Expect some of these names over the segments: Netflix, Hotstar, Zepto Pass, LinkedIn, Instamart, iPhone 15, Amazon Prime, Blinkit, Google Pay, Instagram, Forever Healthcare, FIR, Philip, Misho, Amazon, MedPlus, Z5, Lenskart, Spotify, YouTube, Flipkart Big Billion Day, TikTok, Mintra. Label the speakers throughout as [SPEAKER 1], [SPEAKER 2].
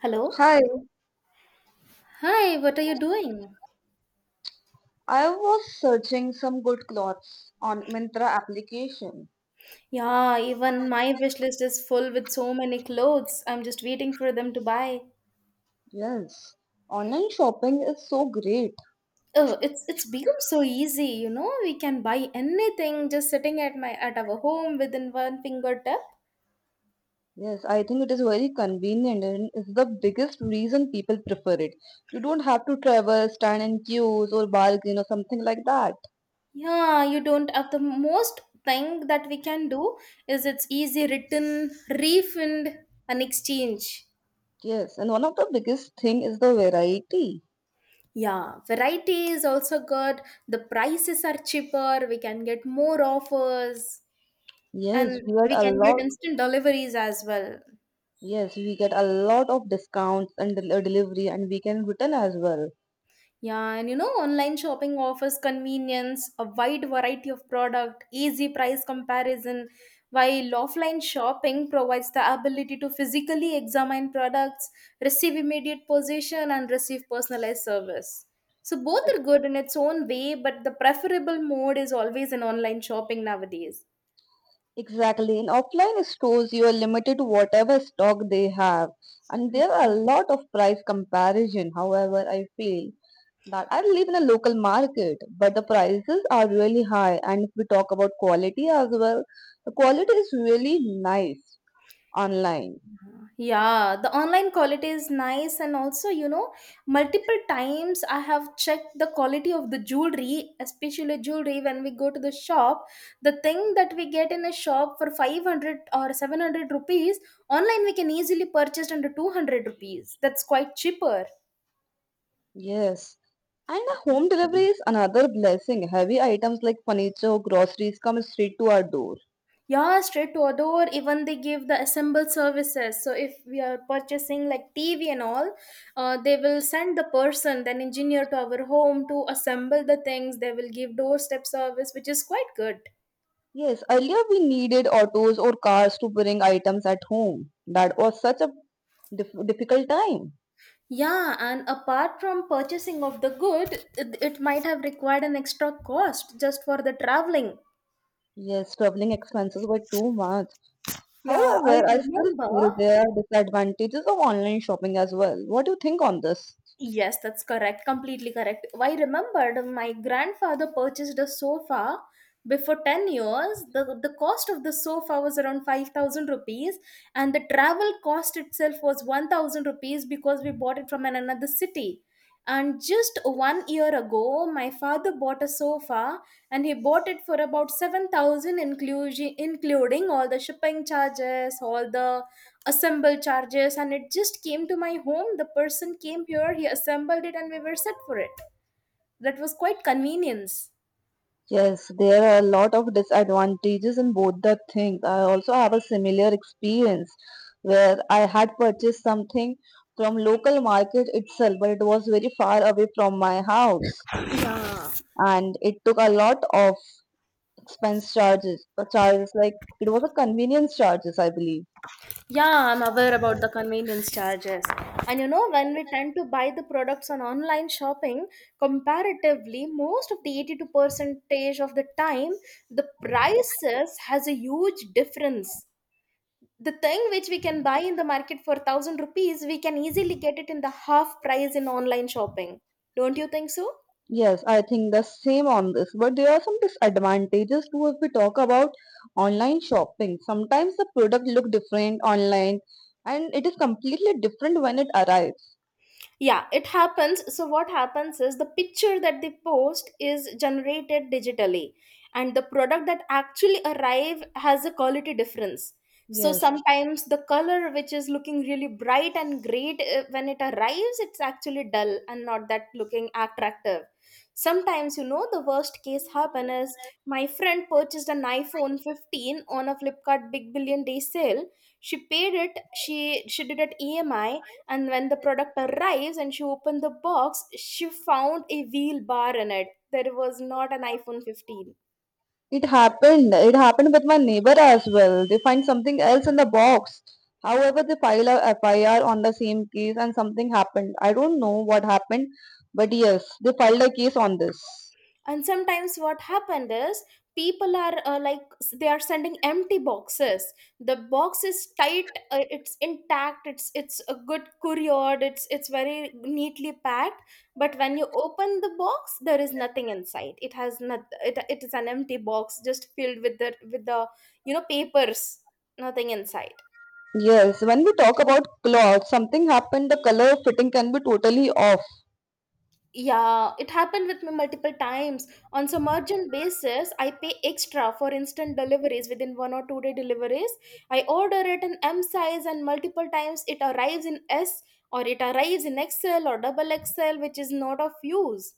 [SPEAKER 1] Hello.
[SPEAKER 2] Hi,
[SPEAKER 1] Hi, what are you doing?
[SPEAKER 2] I was searching some good clothes on Mintra application.
[SPEAKER 1] Yeah, even my wish list is full with so many clothes. I'm just waiting for them to buy.
[SPEAKER 2] Yes, online shopping is so great.
[SPEAKER 1] Oh, it's become so easy, you know. We can buy anything just sitting at my at our home within one fingertip.
[SPEAKER 2] Yes, I think it is very convenient and is the biggest reason people prefer it. You don't have to travel, stand in queues or bargain or something like that.
[SPEAKER 1] Yeah, you don't have the most thing that we can do is it's easy return, refund, and exchange.
[SPEAKER 2] Yes, and one of the biggest thing is the variety.
[SPEAKER 1] Yeah, variety is also good. The prices are cheaper. We can get more offers.
[SPEAKER 2] Yes,
[SPEAKER 1] And
[SPEAKER 2] we get
[SPEAKER 1] we
[SPEAKER 2] a
[SPEAKER 1] can get
[SPEAKER 2] lot.
[SPEAKER 1] instant deliveries as well.
[SPEAKER 2] Yes, we get a lot of discounts and delivery, and we can return as well.
[SPEAKER 1] Yeah, and you know, online shopping offers convenience, a wide variety of product, easy price comparison, while offline shopping provides the ability to physically examine products, receive immediate possession, and receive personalized service. So both are good in its own way, but the preferable mode is always in online shopping nowadays.
[SPEAKER 2] Exactly. In offline stores, you are limited to whatever stock they have, and there are a
[SPEAKER 1] Mhm.
[SPEAKER 2] lot of price comparison. However, I feel that I live in a local market, but the prices are really high. And if we talk about quality as well, the quality is really nice online.
[SPEAKER 1] Yeah, the online quality is nice, and also, you know, multiple times I have checked the quality of the jewelry, especially jewelry when we go to the shop. The thing that we get in a shop for 500 or 700 rupees, online we can easily purchase under 200 rupees. That's quite cheaper.
[SPEAKER 2] Yes. And the home delivery is another blessing. Heavy items like furniture, or groceries come straight to our door.
[SPEAKER 1] Yeah, straight to a door, even they give the assembled services. So if we are purchasing like TV and all, they will send the person, then engineer to our home to assemble the things. They will give doorstep service, which is quite good.
[SPEAKER 2] Yes, earlier we needed autos or cars to bring items at home. That was such a difficult time.
[SPEAKER 1] Yeah, and apart from purchasing of the good, it might have required an extra cost just for the traveling.
[SPEAKER 2] Yes, traveling expenses were too much. However, I still
[SPEAKER 1] Remember?
[SPEAKER 2] feel there are disadvantages of online shopping as well. What do you think on this?
[SPEAKER 1] Yes, that's correct. Completely correct. I remembered my grandfather purchased a sofa before 10 years. The cost of the sofa was around 5,000 rupees and the travel cost itself was 1000 rupees because we bought it from another city. And just 1 year ago, my father bought a sofa, and he bought it for about 7,000, including all the shipping charges, all the assemble charges, and it just came to my home. The person came here, he assembled it, and we were set for it. That was quite convenience.
[SPEAKER 2] Yes, there are a lot of disadvantages in both the things. I also have a similar experience where I had purchased something from local market itself, but it was very far away from my house.
[SPEAKER 1] Yeah.
[SPEAKER 2] And it took a lot of expense charges, like it was a convenience charges, I believe.
[SPEAKER 1] Yeah, I'm aware about the convenience charges. And you know, when we tend to buy the products on online shopping, comparatively, most of the 82 percentage of the time, the prices has a huge difference. The thing which we can buy in the market for 1000 rupees, we can easily get it in the half price in online shopping. Don't you think so?
[SPEAKER 2] Yes, I think the same on this, but there are some disadvantages too. If we talk about online shopping, sometimes the product look different online and it is completely different when it arrives.
[SPEAKER 1] Yeah, it happens. So what happens is the picture that they post is generated digitally, and the product that actually arrive has a quality difference. So
[SPEAKER 2] Yes.
[SPEAKER 1] sometimes the color which is looking really bright and great, when it arrives it's actually dull and not that looking attractive. Sometimes, you know, the worst case happen is my friend purchased an iPhone 15 on a Flipkart Big Billion Day sale. She paid it, she did it EMI, and when the product arrives and she opened the box, she found a wheel bar in it. There was not an iPhone 15.
[SPEAKER 2] It happened. It happened with my neighbor as well. They find something else in the box. However, they file a FIR on the same case and something happened. I don't know what happened, but yes, they filed a case on this.
[SPEAKER 1] And sometimes what happened is people are like, they are sending empty boxes. The box is tight, it's intact, it's a good couriered, it's very neatly packed. But when you open the box there is nothing inside. It has not it, is an empty box just filled with the you know papers. Nothing inside.
[SPEAKER 2] Yes, when we talk about cloth, something happened, the color fitting can be totally off.
[SPEAKER 1] Yeah, it happened with me multiple times. On some urgent basis, I pay extra for instant deliveries within 1 or 2 day deliveries. I order it in M size, and multiple times it arrives in S, or it arrives in XL or double XL, which is not of use.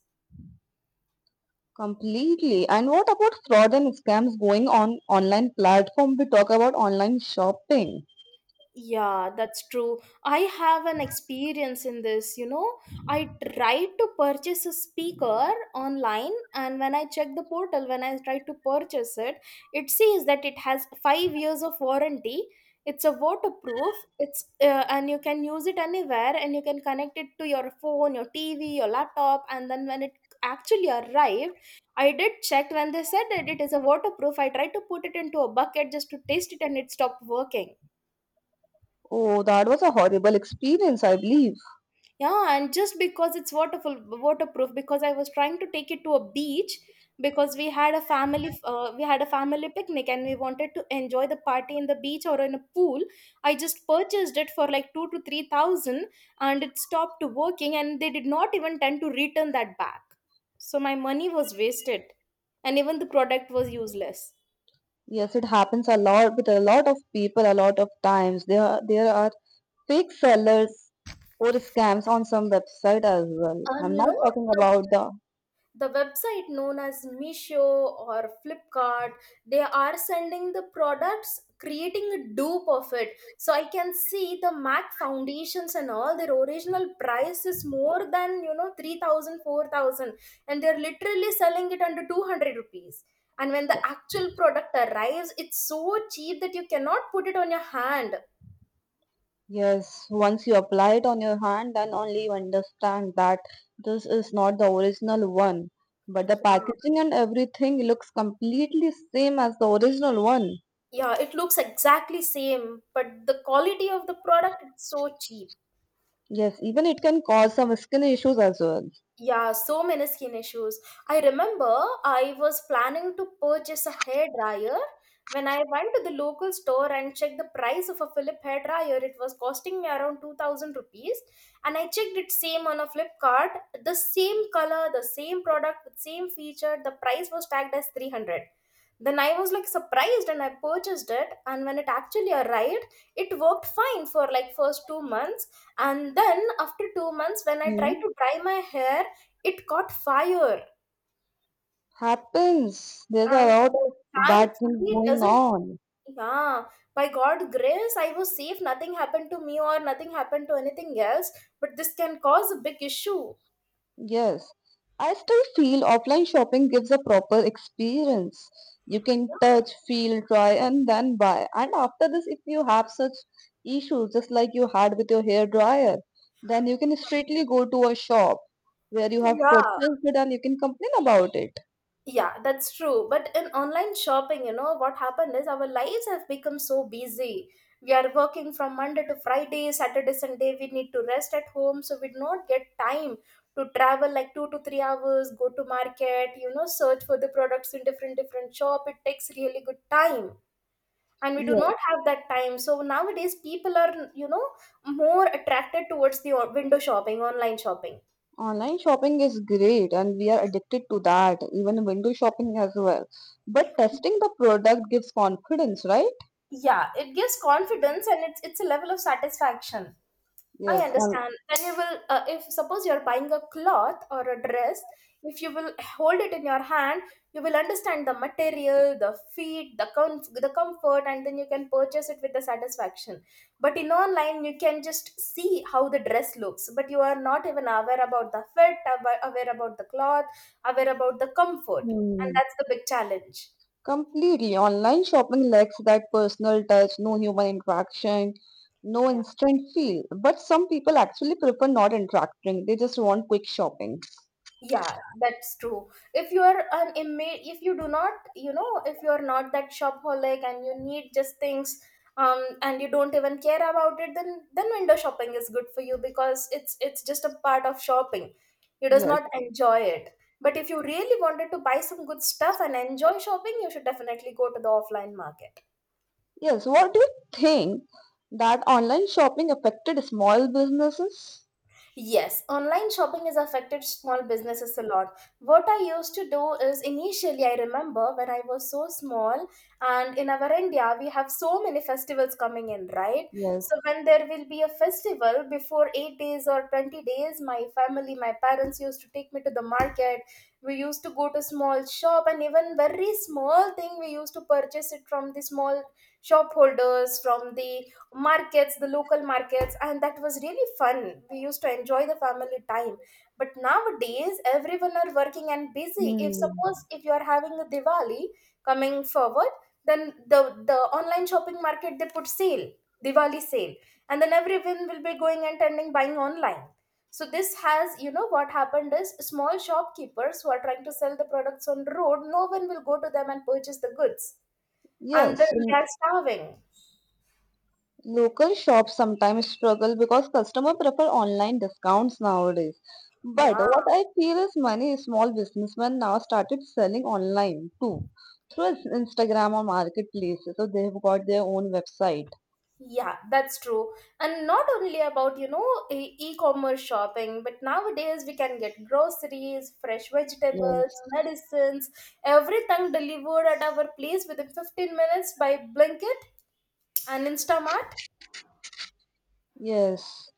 [SPEAKER 2] Completely. And what about fraud and scams going on online platform? We talk about online shopping.
[SPEAKER 1] Yeah, that's true. I have an experience in this, you know. I tried to purchase a speaker online, and when I checked the portal, when I tried to purchase it, it says that it has 5 years of warranty. It's a waterproof. It's And you can use it anywhere, and you can connect it to your phone, your TV, your laptop, and then when it actually arrived, I did check when they said that it is a waterproof. I tried to put it into a bucket just to taste it, and it stopped working.
[SPEAKER 2] Oh, that was a horrible experience, I believe.
[SPEAKER 1] Yeah, and just because it's waterproof, because I was trying to take it to a beach because we had a we had a family picnic and we wanted to enjoy the party in the beach or in a pool. I just purchased it for like 2 to 3 thousand, and it stopped working, and they did not even tend to return that back. So my money was wasted, and even the product was useless.
[SPEAKER 2] Yes, it happens a lot with a lot of people a lot of times. There are fake sellers or scams on some website as well.
[SPEAKER 1] And
[SPEAKER 2] I'm
[SPEAKER 1] you
[SPEAKER 2] not
[SPEAKER 1] know,
[SPEAKER 2] talking
[SPEAKER 1] the
[SPEAKER 2] about the
[SPEAKER 1] the website known as Misho or Flipkart, they are sending the products, creating a dupe of it. So I can see the MAC foundations and all their original price is more than you know 3,000, 4,000, and they're literally selling it under 200 rupees. And when the actual product arrives, it's so cheap that you cannot put it on your hand.
[SPEAKER 2] yes, once you apply it on your hand, then only you understand that this is not the original one. But the
[SPEAKER 1] Yeah,
[SPEAKER 2] packaging and everything looks completely same as the original one.
[SPEAKER 1] yeah, it looks exactly same, but the quality of the product it's so cheap.
[SPEAKER 2] Yes, even it can cause some skin issues as well.
[SPEAKER 1] Yeah, so many skin issues. I remember I was planning to purchase a hairdryer. When I went to the local store and checked the price of a Philip hairdryer, it was costing me around 2,000 rupees. And I checked it same on a Flipkart, the same color, the same product, the same feature. The price was tagged as 300. Then I was like surprised and I purchased it. And when it actually arrived, it worked fine for like first 2 months. And then after 2 months, when I tried
[SPEAKER 2] Hmm.
[SPEAKER 1] to dry my hair, it caught fire,
[SPEAKER 2] Happens. There's a
[SPEAKER 1] and
[SPEAKER 2] lot of bad things
[SPEAKER 1] thankfully it
[SPEAKER 2] going
[SPEAKER 1] doesn't.
[SPEAKER 2] on.
[SPEAKER 1] Yeah, by God's grace, I was safe. Nothing happened to me, or nothing happened to anything else. But this can cause a big issue.
[SPEAKER 2] Yes, I still feel offline shopping gives a proper experience. You can touch, feel, try, and then buy. And after this, if you have such issues, just like you had with your hair dryer, then you can straightly go to a shop where you have
[SPEAKER 1] Yeah.
[SPEAKER 2] purchased it and you can complain about it.
[SPEAKER 1] Yeah, that's true. But in online shopping, you know, what happened is our lives have become so busy. We are working from Monday to Friday. Saturday, Sunday, we need to rest at home. So we do not get time to travel like 2 to 3 hours, go to market, you know, search for the products in different different shop. It takes really good time. And we do
[SPEAKER 2] Yes,
[SPEAKER 1] not have that time. So nowadays people are, you know, more attracted towards the window shopping, online shopping.
[SPEAKER 2] online shopping is great and we are addicted to that, even window shopping as well. But testing the product gives confidence, right?
[SPEAKER 1] Yeah, it gives confidence and it's a level of satisfaction. I
[SPEAKER 2] Yes, and.
[SPEAKER 1] understand. Then you will, if suppose you're buying a cloth or a dress, if you will hold it in your hand, you will understand the material, the fit, the the comfort, and then you can purchase it with the satisfaction. But in online, you can just see how the dress looks, but you are not even aware about the fit, aware about the cloth, aware about the comfort, and
[SPEAKER 2] Hmm.
[SPEAKER 1] that's the big challenge.
[SPEAKER 2] Completely. Online shopping lacks that personal touch, no human interaction, no
[SPEAKER 1] Yeah.
[SPEAKER 2] instant feel. But some people actually prefer not interacting. They just want quick shopping.
[SPEAKER 1] Yeah, that's true. If you are an inmate, if you do not, you know, if you are not that shopaholic and you need just things, and you don't even care about it, then window shopping is good for you because it's just a part of shopping. You does
[SPEAKER 2] Yes.
[SPEAKER 1] not enjoy it. But if you really wanted to buy some good stuff and enjoy shopping, you should definitely go to the offline market.
[SPEAKER 2] Yes. What do you think that online shopping affected small businesses?
[SPEAKER 1] Yes, online shopping has affected small businesses a lot. What I used to do is initially, I remember when I was so small, and in our India, we have so many festivals coming in, right? So,
[SPEAKER 2] Yes.
[SPEAKER 1] when there will be a festival before 8 days or 20 days, my family, my parents used to take me to the market. We used to go to small shop, and even very small thing, we used to purchase it from the small shop holders, from the markets, the local markets, and that was really fun. We used to enjoy the family time. But nowadays everyone are working and busy. If suppose
[SPEAKER 2] Hmm.
[SPEAKER 1] if you are having a Diwali coming forward, then the online shopping market, they put sale, Diwali sale, and then everyone will be going and tending buying online. So this has, you know, what happened is small shopkeepers who are trying to sell the products on road, no one will go to them and purchase the goods, and then
[SPEAKER 2] Yes.
[SPEAKER 1] they are starving.
[SPEAKER 2] Local shops sometimes struggle because customers prefer online discounts nowadays. But
[SPEAKER 1] Yeah.
[SPEAKER 2] what I feel is many small businessmen now started selling online too through Instagram or marketplaces. So they've got their own website.
[SPEAKER 1] Yeah, that's true. And not only about, you know, e-commerce shopping, but nowadays we can get groceries, fresh vegetables,
[SPEAKER 2] Yes.
[SPEAKER 1] medicines, everything delivered at our place within 15 minutes by Blinkit and Instamart.
[SPEAKER 2] Yes.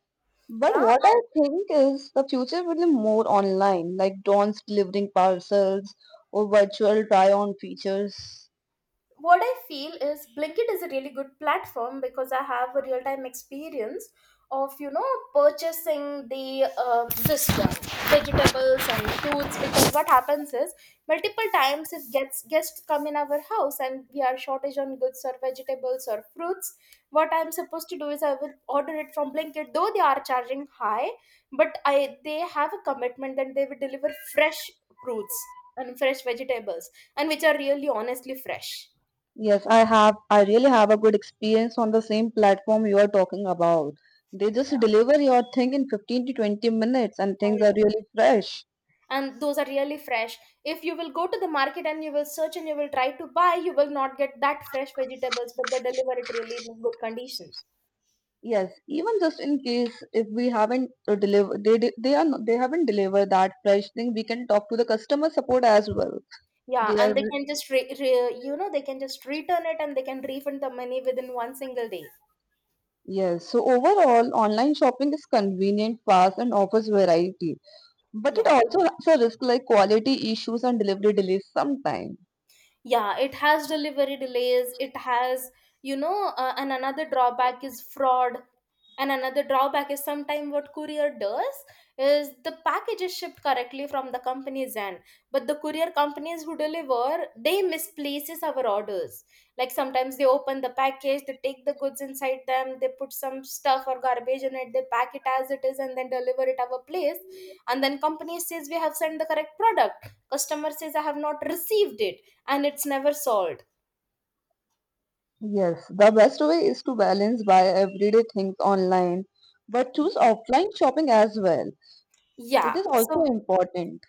[SPEAKER 2] But
[SPEAKER 1] Yeah,
[SPEAKER 2] what I think is the future will be more online, like drones delivering parcels or virtual try-on features.
[SPEAKER 1] what I feel is Blinkit is a really good platform because I have a real time experience of purchasing the this one, vegetables and fruits. Because what happens is multiple times it gets guests come in our house and we are shortage on goods or vegetables or fruits, what I'm supposed to do is I will order it from Blinkit. Though they are charging high, but I they have a commitment that they will deliver fresh fruits and fresh vegetables, and which are really honestly fresh.
[SPEAKER 2] Yes, I have. I really have a good experience on the same platform you are talking about. They just deliver your thing in 15 to 20 minutes and
[SPEAKER 1] I
[SPEAKER 2] things are
[SPEAKER 1] know.
[SPEAKER 2] really fresh.
[SPEAKER 1] And those are really fresh. If you will go to the market and you will search and you will try to buy, you will not get that fresh vegetables, but they deliver it really in good condition.
[SPEAKER 2] Yes, even just in case if we haven't deliver, they di- they are not, they haven't delivered that fresh thing, we can talk to the customer support as well.
[SPEAKER 1] Yeah,
[SPEAKER 2] They are
[SPEAKER 1] and they can just they can just return it and they can refund the money within one single day.
[SPEAKER 2] yes, so overall, online shopping is convenient, fast, and offers variety. But it
[SPEAKER 1] Yeah,
[SPEAKER 2] also has a risk like quality issues and delivery delays sometimes.
[SPEAKER 1] yeah. It has delivery delays. It has and another drawback is fraud. And another drawback is sometimes what courier does is the package is shipped correctly from the company's end, but the courier companies who deliver they misplaces our orders. Like sometimes they open the package, they take the goods inside them, they put some stuff or garbage in it, they pack it as it is, and then deliver it our place. And then company says we have sent the correct product. Customer says I have not received it, and it's never solved.
[SPEAKER 2] Yes, the best way is to balance buy everyday things online, but choose
[SPEAKER 1] Yeah.
[SPEAKER 2] offline shopping as well. It
[SPEAKER 1] Yeah.
[SPEAKER 2] is also
[SPEAKER 1] So
[SPEAKER 2] important.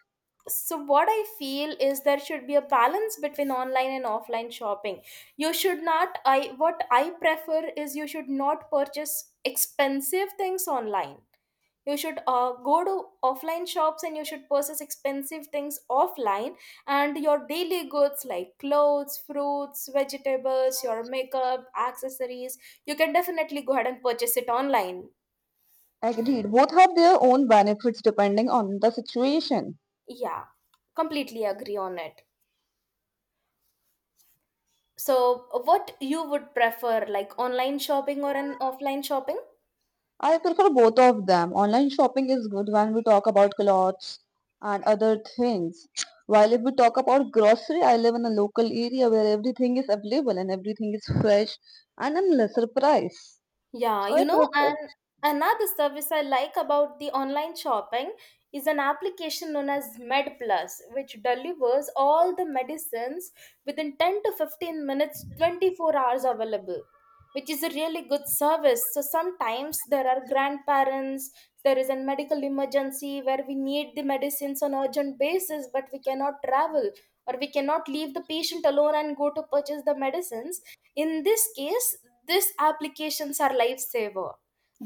[SPEAKER 1] so what I feel is there should be a balance between online and offline shopping. You should not, I what I prefer is, you should not purchase expensive things online. You should go to offline shops and you should purchase expensive things offline, and your daily goods like clothes, fruits, vegetables, your makeup accessories, you can definitely go ahead and purchase it online.
[SPEAKER 2] Agreed. Both have their own benefits depending on the situation.
[SPEAKER 1] Yeah, completely agree on it. So, what you would prefer, like online shopping or an offline shopping?
[SPEAKER 2] I prefer both of them. Online shopping is good when we talk about clothes and other things. While if we talk about grocery, I live in a local area where everything is available and everything is fresh and in lesser price.
[SPEAKER 1] Yeah,
[SPEAKER 2] So I
[SPEAKER 1] you know, and
[SPEAKER 2] prefer.
[SPEAKER 1] another service I like about the online shopping is an application known as MedPlus, which delivers all the medicines within 10 to 15 minutes, 24 hours available, which is a really good service. So sometimes there are grandparents, there is a medical emergency where we need the medicines on urgent basis, but we cannot travel or we cannot leave the patient alone and go to purchase the medicines. In this case, these applications are lifesaver.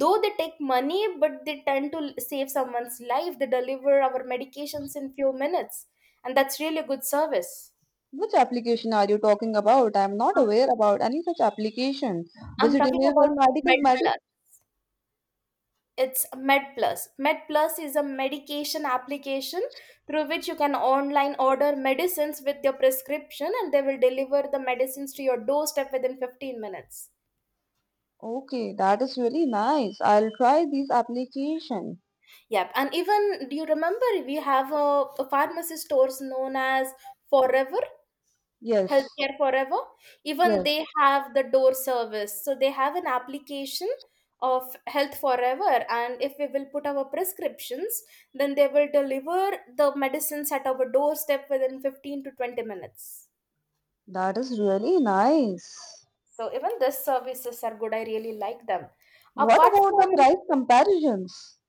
[SPEAKER 1] Though they take money, but they tend to save someone's life. They deliver our medications in few minutes, and that's really a good service.
[SPEAKER 2] Which application are you talking about? I'm not
[SPEAKER 1] i'm
[SPEAKER 2] aware about any such application. Does
[SPEAKER 1] I'm
[SPEAKER 2] it
[SPEAKER 1] talking
[SPEAKER 2] deliver
[SPEAKER 1] about
[SPEAKER 2] medical med?
[SPEAKER 1] MedPlus. It's MedPlus. MedPlus is a medication application through which you can online order medicines with your prescription and they will deliver the medicines to your doorstep within 15 minutes.
[SPEAKER 2] Okay, that is really nice. I'll try these application.
[SPEAKER 1] Yep, and even do you remember we have a pharmacy stores known as Forever,
[SPEAKER 2] Yes,
[SPEAKER 1] Healthcare Forever? Even
[SPEAKER 2] yes,
[SPEAKER 1] they have the door service, so they have an application of Health Forever, and if we will put our prescriptions, then they will deliver the medicines at our doorstep within 15 to 20 minutes.
[SPEAKER 2] that is really nice.
[SPEAKER 1] So even these services are good. I really like them.
[SPEAKER 2] What
[SPEAKER 1] Apart
[SPEAKER 2] about the
[SPEAKER 1] from
[SPEAKER 2] price comparisons?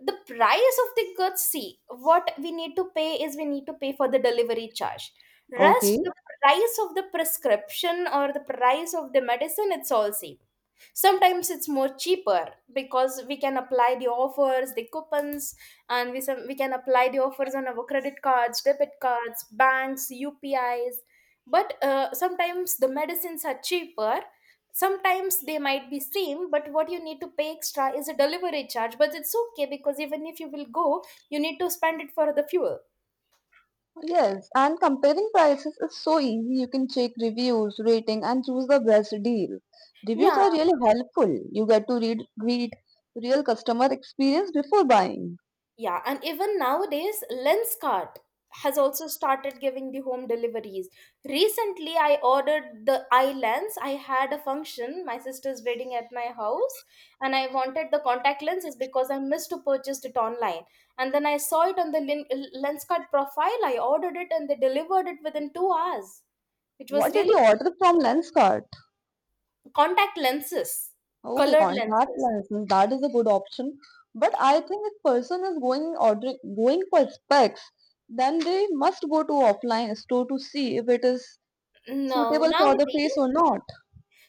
[SPEAKER 1] the price of the goods, see, what we need to pay is we need to pay for the delivery charge. Rest,
[SPEAKER 2] Okay.
[SPEAKER 1] the price of the prescription or the price of the medicine, it's all same. Sometimes it's more cheaper because we can apply the offers, the coupons, and we, we can apply the offers on our credit cards, debit cards, banks, UPIs. But sometimes the medicines are cheaper, sometimes they might be same, but what you need to pay extra is a delivery charge. But it's okay, because even if you will go, you need to spend it for the fuel.
[SPEAKER 2] Yes, and comparing prices is so easy. You can check reviews, rating, and choose the best deal. Reviews
[SPEAKER 1] Yeah.
[SPEAKER 2] are really helpful. You get to read real customer experience before buying.
[SPEAKER 1] Yeah, and even nowadays, Lenskart has also started giving the home deliveries. Recently, I ordered the eye lens. I had a function, my sister's wedding at my house, and I wanted the contact lenses because I missed to purchase it online. And then I saw it on the Lenskart profile. I ordered it, and they delivered it within 2 hours. It was
[SPEAKER 2] What did
[SPEAKER 1] really...
[SPEAKER 2] you order from Lenskart?
[SPEAKER 1] Contact lenses,
[SPEAKER 2] Okay,
[SPEAKER 1] colored
[SPEAKER 2] contact
[SPEAKER 1] lenses.
[SPEAKER 2] lenses. That is a good option. But I think if person is going ordering going for specs, then they must go to offline store to see if it is
[SPEAKER 1] No,
[SPEAKER 2] suitable for the face
[SPEAKER 1] nowadays.
[SPEAKER 2] or not.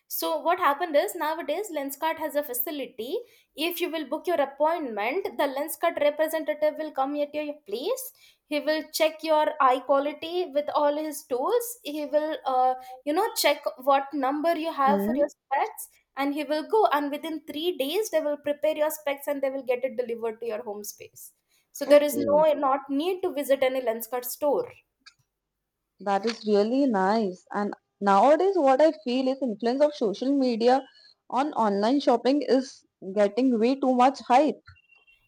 [SPEAKER 1] So what happened is nowadays Lenskart has a facility. If you will book your appointment, the Lenskart representative will come at your place. He will check your eye quality with all his tools. He will, check what number you have for
[SPEAKER 2] Hmm.
[SPEAKER 1] your specs, and he will go. And within 3 days, they will prepare your specs and they will get it delivered to your home space. So there is
[SPEAKER 2] Okay,
[SPEAKER 1] not need to visit any Lenskart store.
[SPEAKER 2] that is really nice. And nowadays, what I feel is influence of social media on online shopping is getting way too much hype.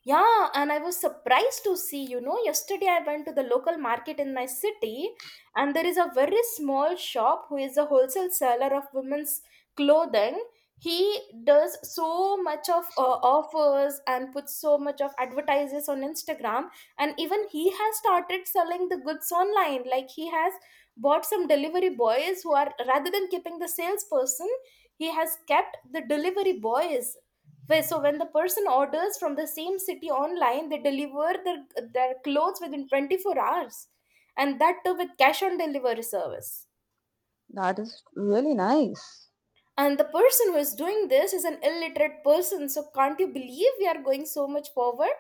[SPEAKER 1] Yeah, and I was surprised to see, you know, yesterday I went to the local market in my city, and there is a very small shop who is a wholesale seller of women's clothing. He does so much of offers and puts so much of advertises on Instagram, and even he has started selling the goods online. Like, he has bought some delivery boys who are, rather than keeping the salesperson, he has kept the delivery boys so when the person orders from the same city online, they deliver their clothes within 24 hours, and that too with cash on delivery service.
[SPEAKER 2] That is really nice.
[SPEAKER 1] And the person who is doing this is an illiterate person, so can't you believe we are going so much forward?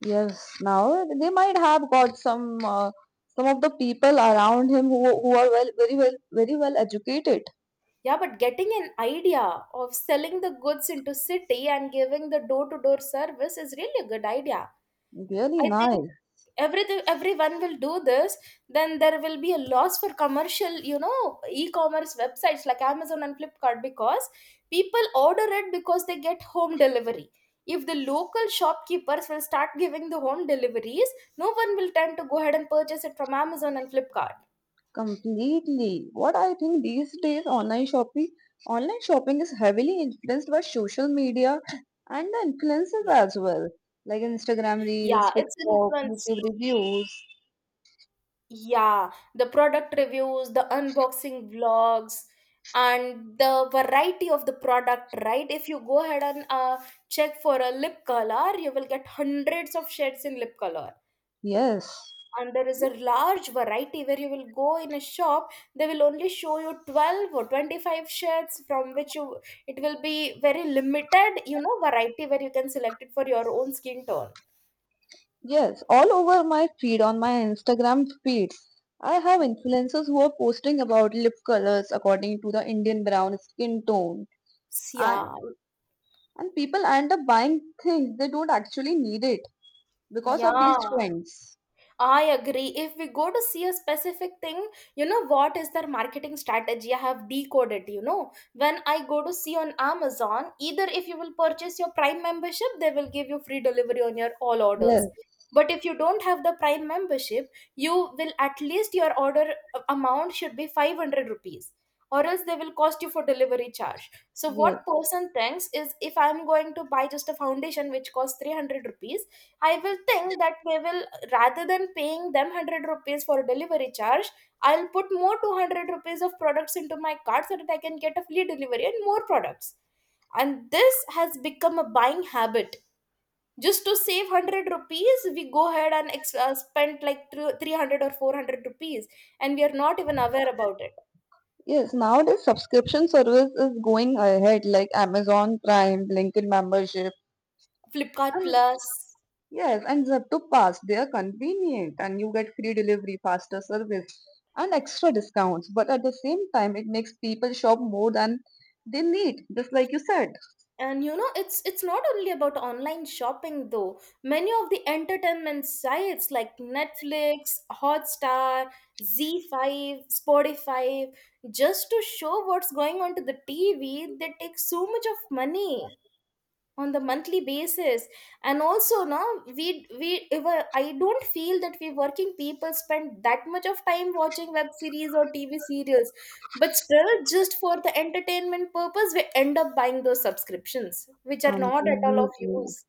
[SPEAKER 2] Yes, now they might have got some of the people around him who are very well educated.
[SPEAKER 1] Yeah, but getting an idea of selling the goods into city and giving the door-to-door service is really a good idea.
[SPEAKER 2] Really
[SPEAKER 1] I think
[SPEAKER 2] nice.
[SPEAKER 1] everything everyone will do this, then there will be a loss for commercial, you know, e-commerce websites like Amazon and Flipkart, because people order it because they get home delivery. If the local shopkeepers will start giving the home deliveries, no one will tend to go ahead and purchase it from Amazon and Flipkart.
[SPEAKER 2] Completely. What I think these days online shopping is heavily influenced by social media and the influencers
[SPEAKER 1] Yeah.
[SPEAKER 2] as well. Like Instagram
[SPEAKER 1] Yeah,
[SPEAKER 2] Reels,
[SPEAKER 1] it's
[SPEAKER 2] TikTok,
[SPEAKER 1] influenced.
[SPEAKER 2] YouTube reviews.
[SPEAKER 1] Yeah, the product reviews, the unboxing vlogs, and the variety of the product, right? If you go ahead and check for a lip color, you will get hundreds of shades in lip color.
[SPEAKER 2] Yes.
[SPEAKER 1] And there is a large variety, where you will go in a shop, they will only show you 12 or 25 shades from which you, it will be very limited, you know, variety where you can select it for your own skin tone.
[SPEAKER 2] Yes. All over my feed on my Instagram feeds. I have influencers who are posting about lip colors according to the Indian brown skin tone. And
[SPEAKER 1] Yeah,
[SPEAKER 2] and people end up buying things they don't actually need it because of these
[SPEAKER 1] yeah.
[SPEAKER 2] trends.
[SPEAKER 1] I agree. If we go to see a specific thing, you know what is their marketing strategy? I have decoded, you know. When I go to see on Amazon, either if you will purchase your Prime membership, they will give you free delivery on your all
[SPEAKER 2] Yes,
[SPEAKER 1] orders. But if you don't have the Prime membership, you will, at least your order amount should be 500 rupees, or else they will cost you for delivery charge. So
[SPEAKER 2] yes.
[SPEAKER 1] what person thinks is if I'm going to buy just a foundation which costs 300 rupees, I will think that they will, rather than paying them 100 rupees for delivery charge, I'll put more 200 rupees of products into my cart so that I can get a free delivery and more products. And this has become a buying habit. Just to save 100 rupees, we go ahead and spend like 300 or 400 rupees, and we are not even aware about it.
[SPEAKER 2] Yes, nowadays subscription service is going ahead like Amazon Prime, LinkedIn membership,
[SPEAKER 1] Flipkart
[SPEAKER 2] and
[SPEAKER 1] Plus.
[SPEAKER 2] yes, and Zepto Pass. They are convenient and you get free delivery, faster service, and extra discounts. But at the same time, it makes people shop more than they need, just like you said.
[SPEAKER 1] And you know, it's not only about online shopping, though many of the entertainment sites like Netflix, Hotstar, Z5, Spotify, just to show what's going on to the TV, they take so much of money on the monthly basis. And also now, we if I don't feel that we working people spend that much of time watching web series or TV serials, but still, just for the entertainment purpose, we end up buying those subscriptions which are not at all of
[SPEAKER 2] Completely.
[SPEAKER 1] use.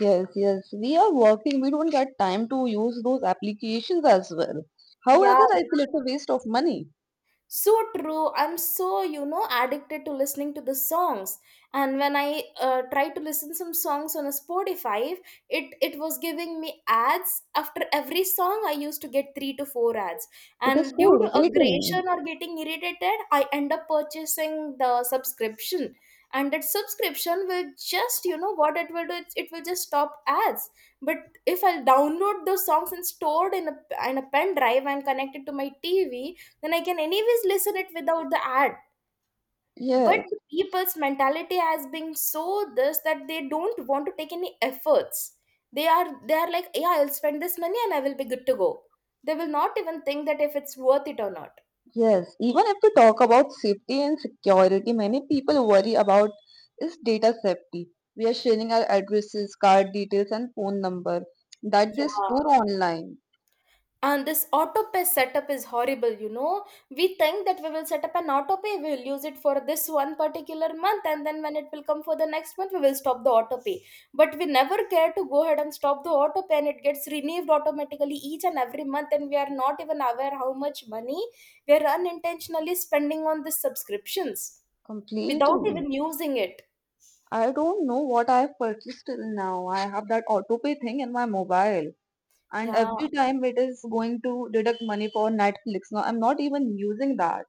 [SPEAKER 2] Yes, yes. We are working. We don't get time to use those applications as well.
[SPEAKER 1] Yeah,
[SPEAKER 2] However, I feel it's a waste of money.
[SPEAKER 1] so true. I'm so, you know, addicted to listening to the songs, and when I tried to listen some songs on a Spotify, it was giving me ads after every song. I used to get 3 to 4 ads,
[SPEAKER 2] It is
[SPEAKER 1] and
[SPEAKER 2] so
[SPEAKER 1] due to
[SPEAKER 2] irritating.
[SPEAKER 1] aggression or getting irritated, I end up purchasing the subscription. And that subscription will just, you know what it will do, it will just stop ads. But if I download those songs and stored in a, in a pen drive and connect it to my TV, then I can anyways listen it without the ad. But
[SPEAKER 2] Yes,
[SPEAKER 1] the people's mentality has been so this that they don't want to take any efforts. They are, like, yeah, I'll spend this money and I will be good to go. They will not even think that if it's worth it or not.
[SPEAKER 2] yes. Even if we talk about safety and security, many people worry about is data safety. We are sharing our addresses, card details, and phone number that they
[SPEAKER 1] Yeah.
[SPEAKER 2] store online
[SPEAKER 1] And this autopay setup is horrible, you know. We think that we will set up an autopay, we'll use it for this one particular month, and then when it will come for the next month, we will stop the autopay. But we never care to go ahead and stop the autopay, and it gets renewed automatically each and every month, and we are not even aware how much money we are unintentionally spending on these subscriptions without
[SPEAKER 2] completely.
[SPEAKER 1] even using it.
[SPEAKER 2] I don't know what I have purchased till now. I have that autopay thing in my mobile. And
[SPEAKER 1] Yeah.
[SPEAKER 2] every time it is going to deduct money for Netflix. Now, I'm not even using that.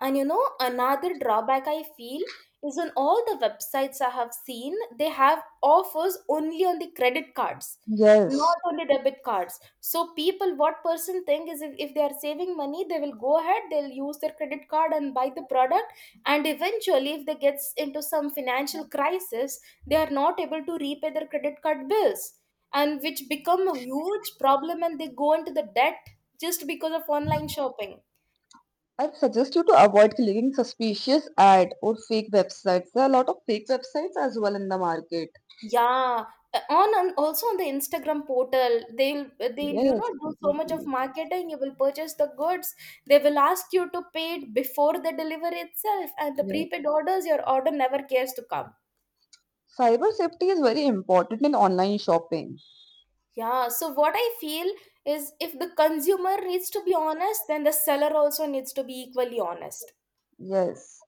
[SPEAKER 1] And you know, another drawback I feel is on all the websites I have seen, they have offers only on the credit cards,
[SPEAKER 2] Yes.
[SPEAKER 1] not only debit cards. So people, what person think is if they are saving money, they will go ahead, they'll use their credit card and buy the product. And eventually, if they gets into some financial crisis, they are not able to repay their credit card bills and which become a huge problem and they go into the debt just because of online shopping.
[SPEAKER 2] I suggest you to avoid clicking suspicious ad or fake websites. There are a lot of fake websites as well in the market.
[SPEAKER 1] Yeah, on also on the Instagram portal, they'll you know
[SPEAKER 2] Yes,
[SPEAKER 1] do so much of
[SPEAKER 2] completely.
[SPEAKER 1] marketing. You will purchase the goods. They will ask you to pay it before the delivery itself, and the
[SPEAKER 2] Yes.
[SPEAKER 1] prepaid orders, your order never cares to come.
[SPEAKER 2] Cyber safety is very important in online shopping.
[SPEAKER 1] Yeah, so what I feel is if the consumer needs to be honest, then the seller also needs to be equally honest.
[SPEAKER 2] Yes.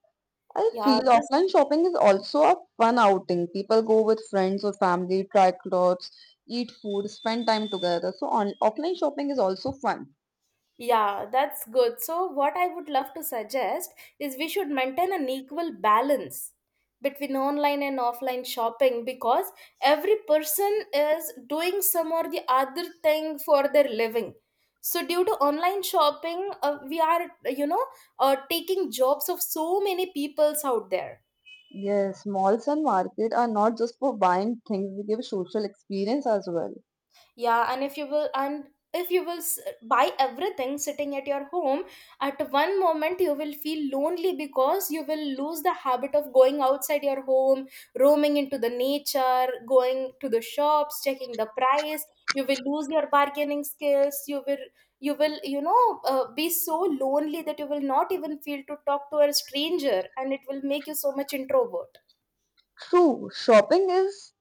[SPEAKER 2] I
[SPEAKER 1] Yeah,
[SPEAKER 2] feel
[SPEAKER 1] this
[SPEAKER 2] offline shopping is also a fun outing. People go with friends or family, try clothes, eat food, spend time together. So on offline shopping is also fun.
[SPEAKER 1] Yeah, that's good. So, what I would love to suggest is we should maintain an equal balance between online and offline shopping because every person is doing some or the other thing for their living. So, due to online shopping, we are, taking jobs of so many peoples out there.
[SPEAKER 2] Yes, malls and market are not just for buying things, they give social experience as well.
[SPEAKER 1] Yeah, and if you will s- buy everything sitting at your home, at one moment you will feel lonely because you will lose the habit of going outside your home, roaming into the nature, going to the shops, checking the price. You will lose your bargaining skills. You will be so lonely that you will not even feel to talk to a stranger, and it will make you so much introvert.
[SPEAKER 2] True, shopping is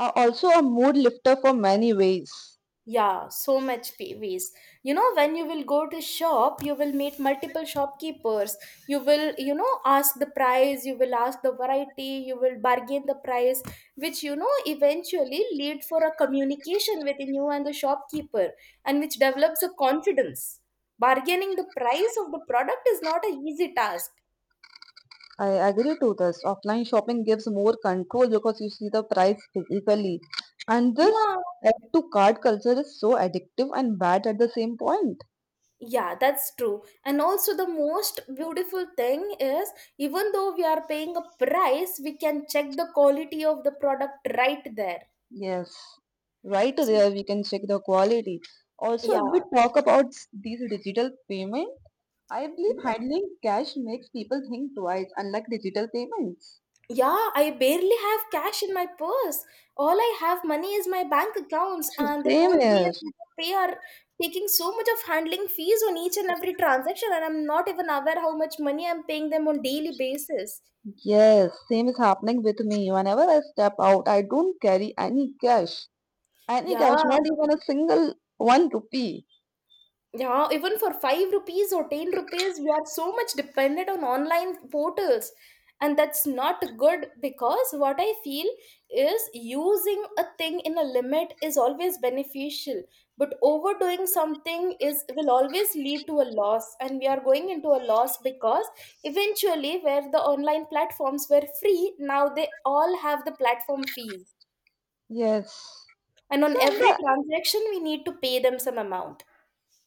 [SPEAKER 2] also a mood lifter for many ways.
[SPEAKER 1] Yeah, so much pay waste. You know, when you will go to shop, you will meet multiple shopkeepers. You will, you know, ask the price, you will ask the variety, you will bargain the price, which, you know, eventually lead for a communication within you and the shopkeeper, and which develops a confidence. Bargaining the price of the product is not an easy task.
[SPEAKER 2] I agree to this. Offline shopping gives more control because you see the price physically. And this
[SPEAKER 1] Yeah,
[SPEAKER 2] add to card culture is so addictive and bad at the same point.
[SPEAKER 1] Yeah, that's true. And also, the most beautiful thing is even though we are paying a price, we can check the quality of the product right there.
[SPEAKER 2] Yes, right
[SPEAKER 1] So,
[SPEAKER 2] there we can check the quality. Also,
[SPEAKER 1] yeah,
[SPEAKER 2] if we talk about these digital payment, I believe
[SPEAKER 1] yeah,
[SPEAKER 2] handling cash makes people think twice, unlike digital payments.
[SPEAKER 1] yeah, I barely have cash in my purse. All I have money is my bank accounts, and the
[SPEAKER 2] Same
[SPEAKER 1] phone pay and
[SPEAKER 2] is.
[SPEAKER 1] Google pay are taking so much of handling fees on each and every transaction, and I'm not even aware how much money I'm paying them on daily basis.
[SPEAKER 2] Yes, same is happening with me. Whenever I step out, I don't carry any cash. Any
[SPEAKER 1] Yeah.
[SPEAKER 2] cash, not even a single one rupee.
[SPEAKER 1] Yeah, even for 5 rupees or 10 rupees, we are so much dependent on online portals. And that's not good because what I feel is using a thing in a limit is always beneficial, but overdoing something is will always lead to a loss, and we are going into a loss because eventually, where the online platforms were free, now they all have the platform fees,
[SPEAKER 2] Yes.
[SPEAKER 1] and on
[SPEAKER 2] So in
[SPEAKER 1] every
[SPEAKER 2] the
[SPEAKER 1] transaction we need to pay them some amount.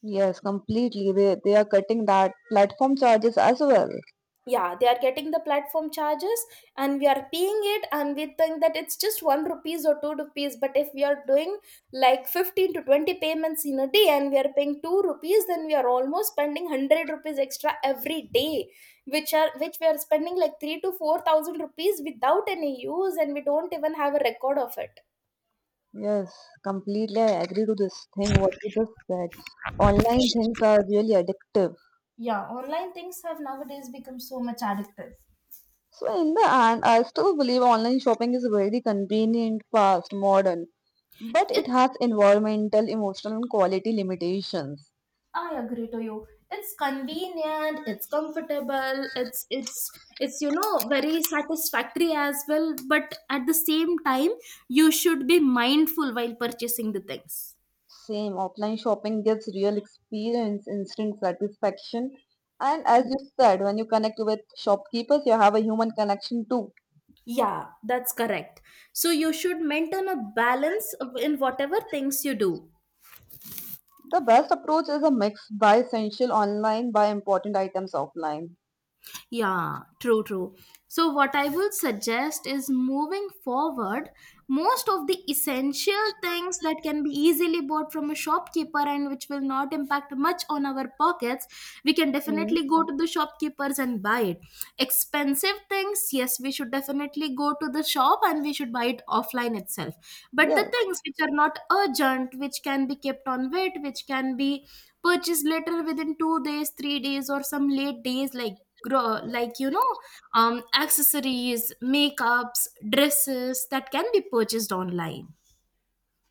[SPEAKER 2] yes, completely. They are cutting that platform charges as well.
[SPEAKER 1] Yeah, they are getting the platform charges and we are paying it, and we think that it's just one rupees or two rupees, but if we are doing like 15 to 20 payments in a day and we are paying two rupees, then we are almost spending 100 rupees extra every day, which we are spending like 3 to 4,000 rupees without any use, and we don't even have a record of it.
[SPEAKER 2] Yes, completely. I agree to this thing what you just said. Online things are really addictive.
[SPEAKER 1] Yeah, online things have nowadays become so much addictive.
[SPEAKER 2] So in the end, I still believe online shopping is very convenient, fast, modern, but it
[SPEAKER 1] It's,
[SPEAKER 2] has environmental, emotional, and quality limitations.
[SPEAKER 1] I agree to you. It's convenient, it's comfortable, it's you know very satisfactory as well, but at the same time you should be mindful while purchasing the things.
[SPEAKER 2] Same, offline shopping gives real experience, instant satisfaction, and as you said, when you connect with shopkeepers, you have a human connection too.
[SPEAKER 1] Yeah, that's correct. So you should maintain a balance of- in whatever things you do.
[SPEAKER 2] The best approach is a mix buy essential online, buy important items offline.
[SPEAKER 1] Yeah, true. So, what I would suggest is moving forward, most of the essential things that can be easily bought from a shopkeeper and which will not impact much on our pockets, we can
[SPEAKER 2] Hmm.
[SPEAKER 1] definitely go to the shopkeepers and buy it. Expensive things, yes, we should definitely go to the shop and we should buy it offline itself. But the
[SPEAKER 2] Yes.
[SPEAKER 1] things which are not urgent, which can be kept on wait, which can be purchased later within 2 days, 3 days, or some late days, like grow, like, you know, um, accessories, makeups, dresses, that can be purchased online.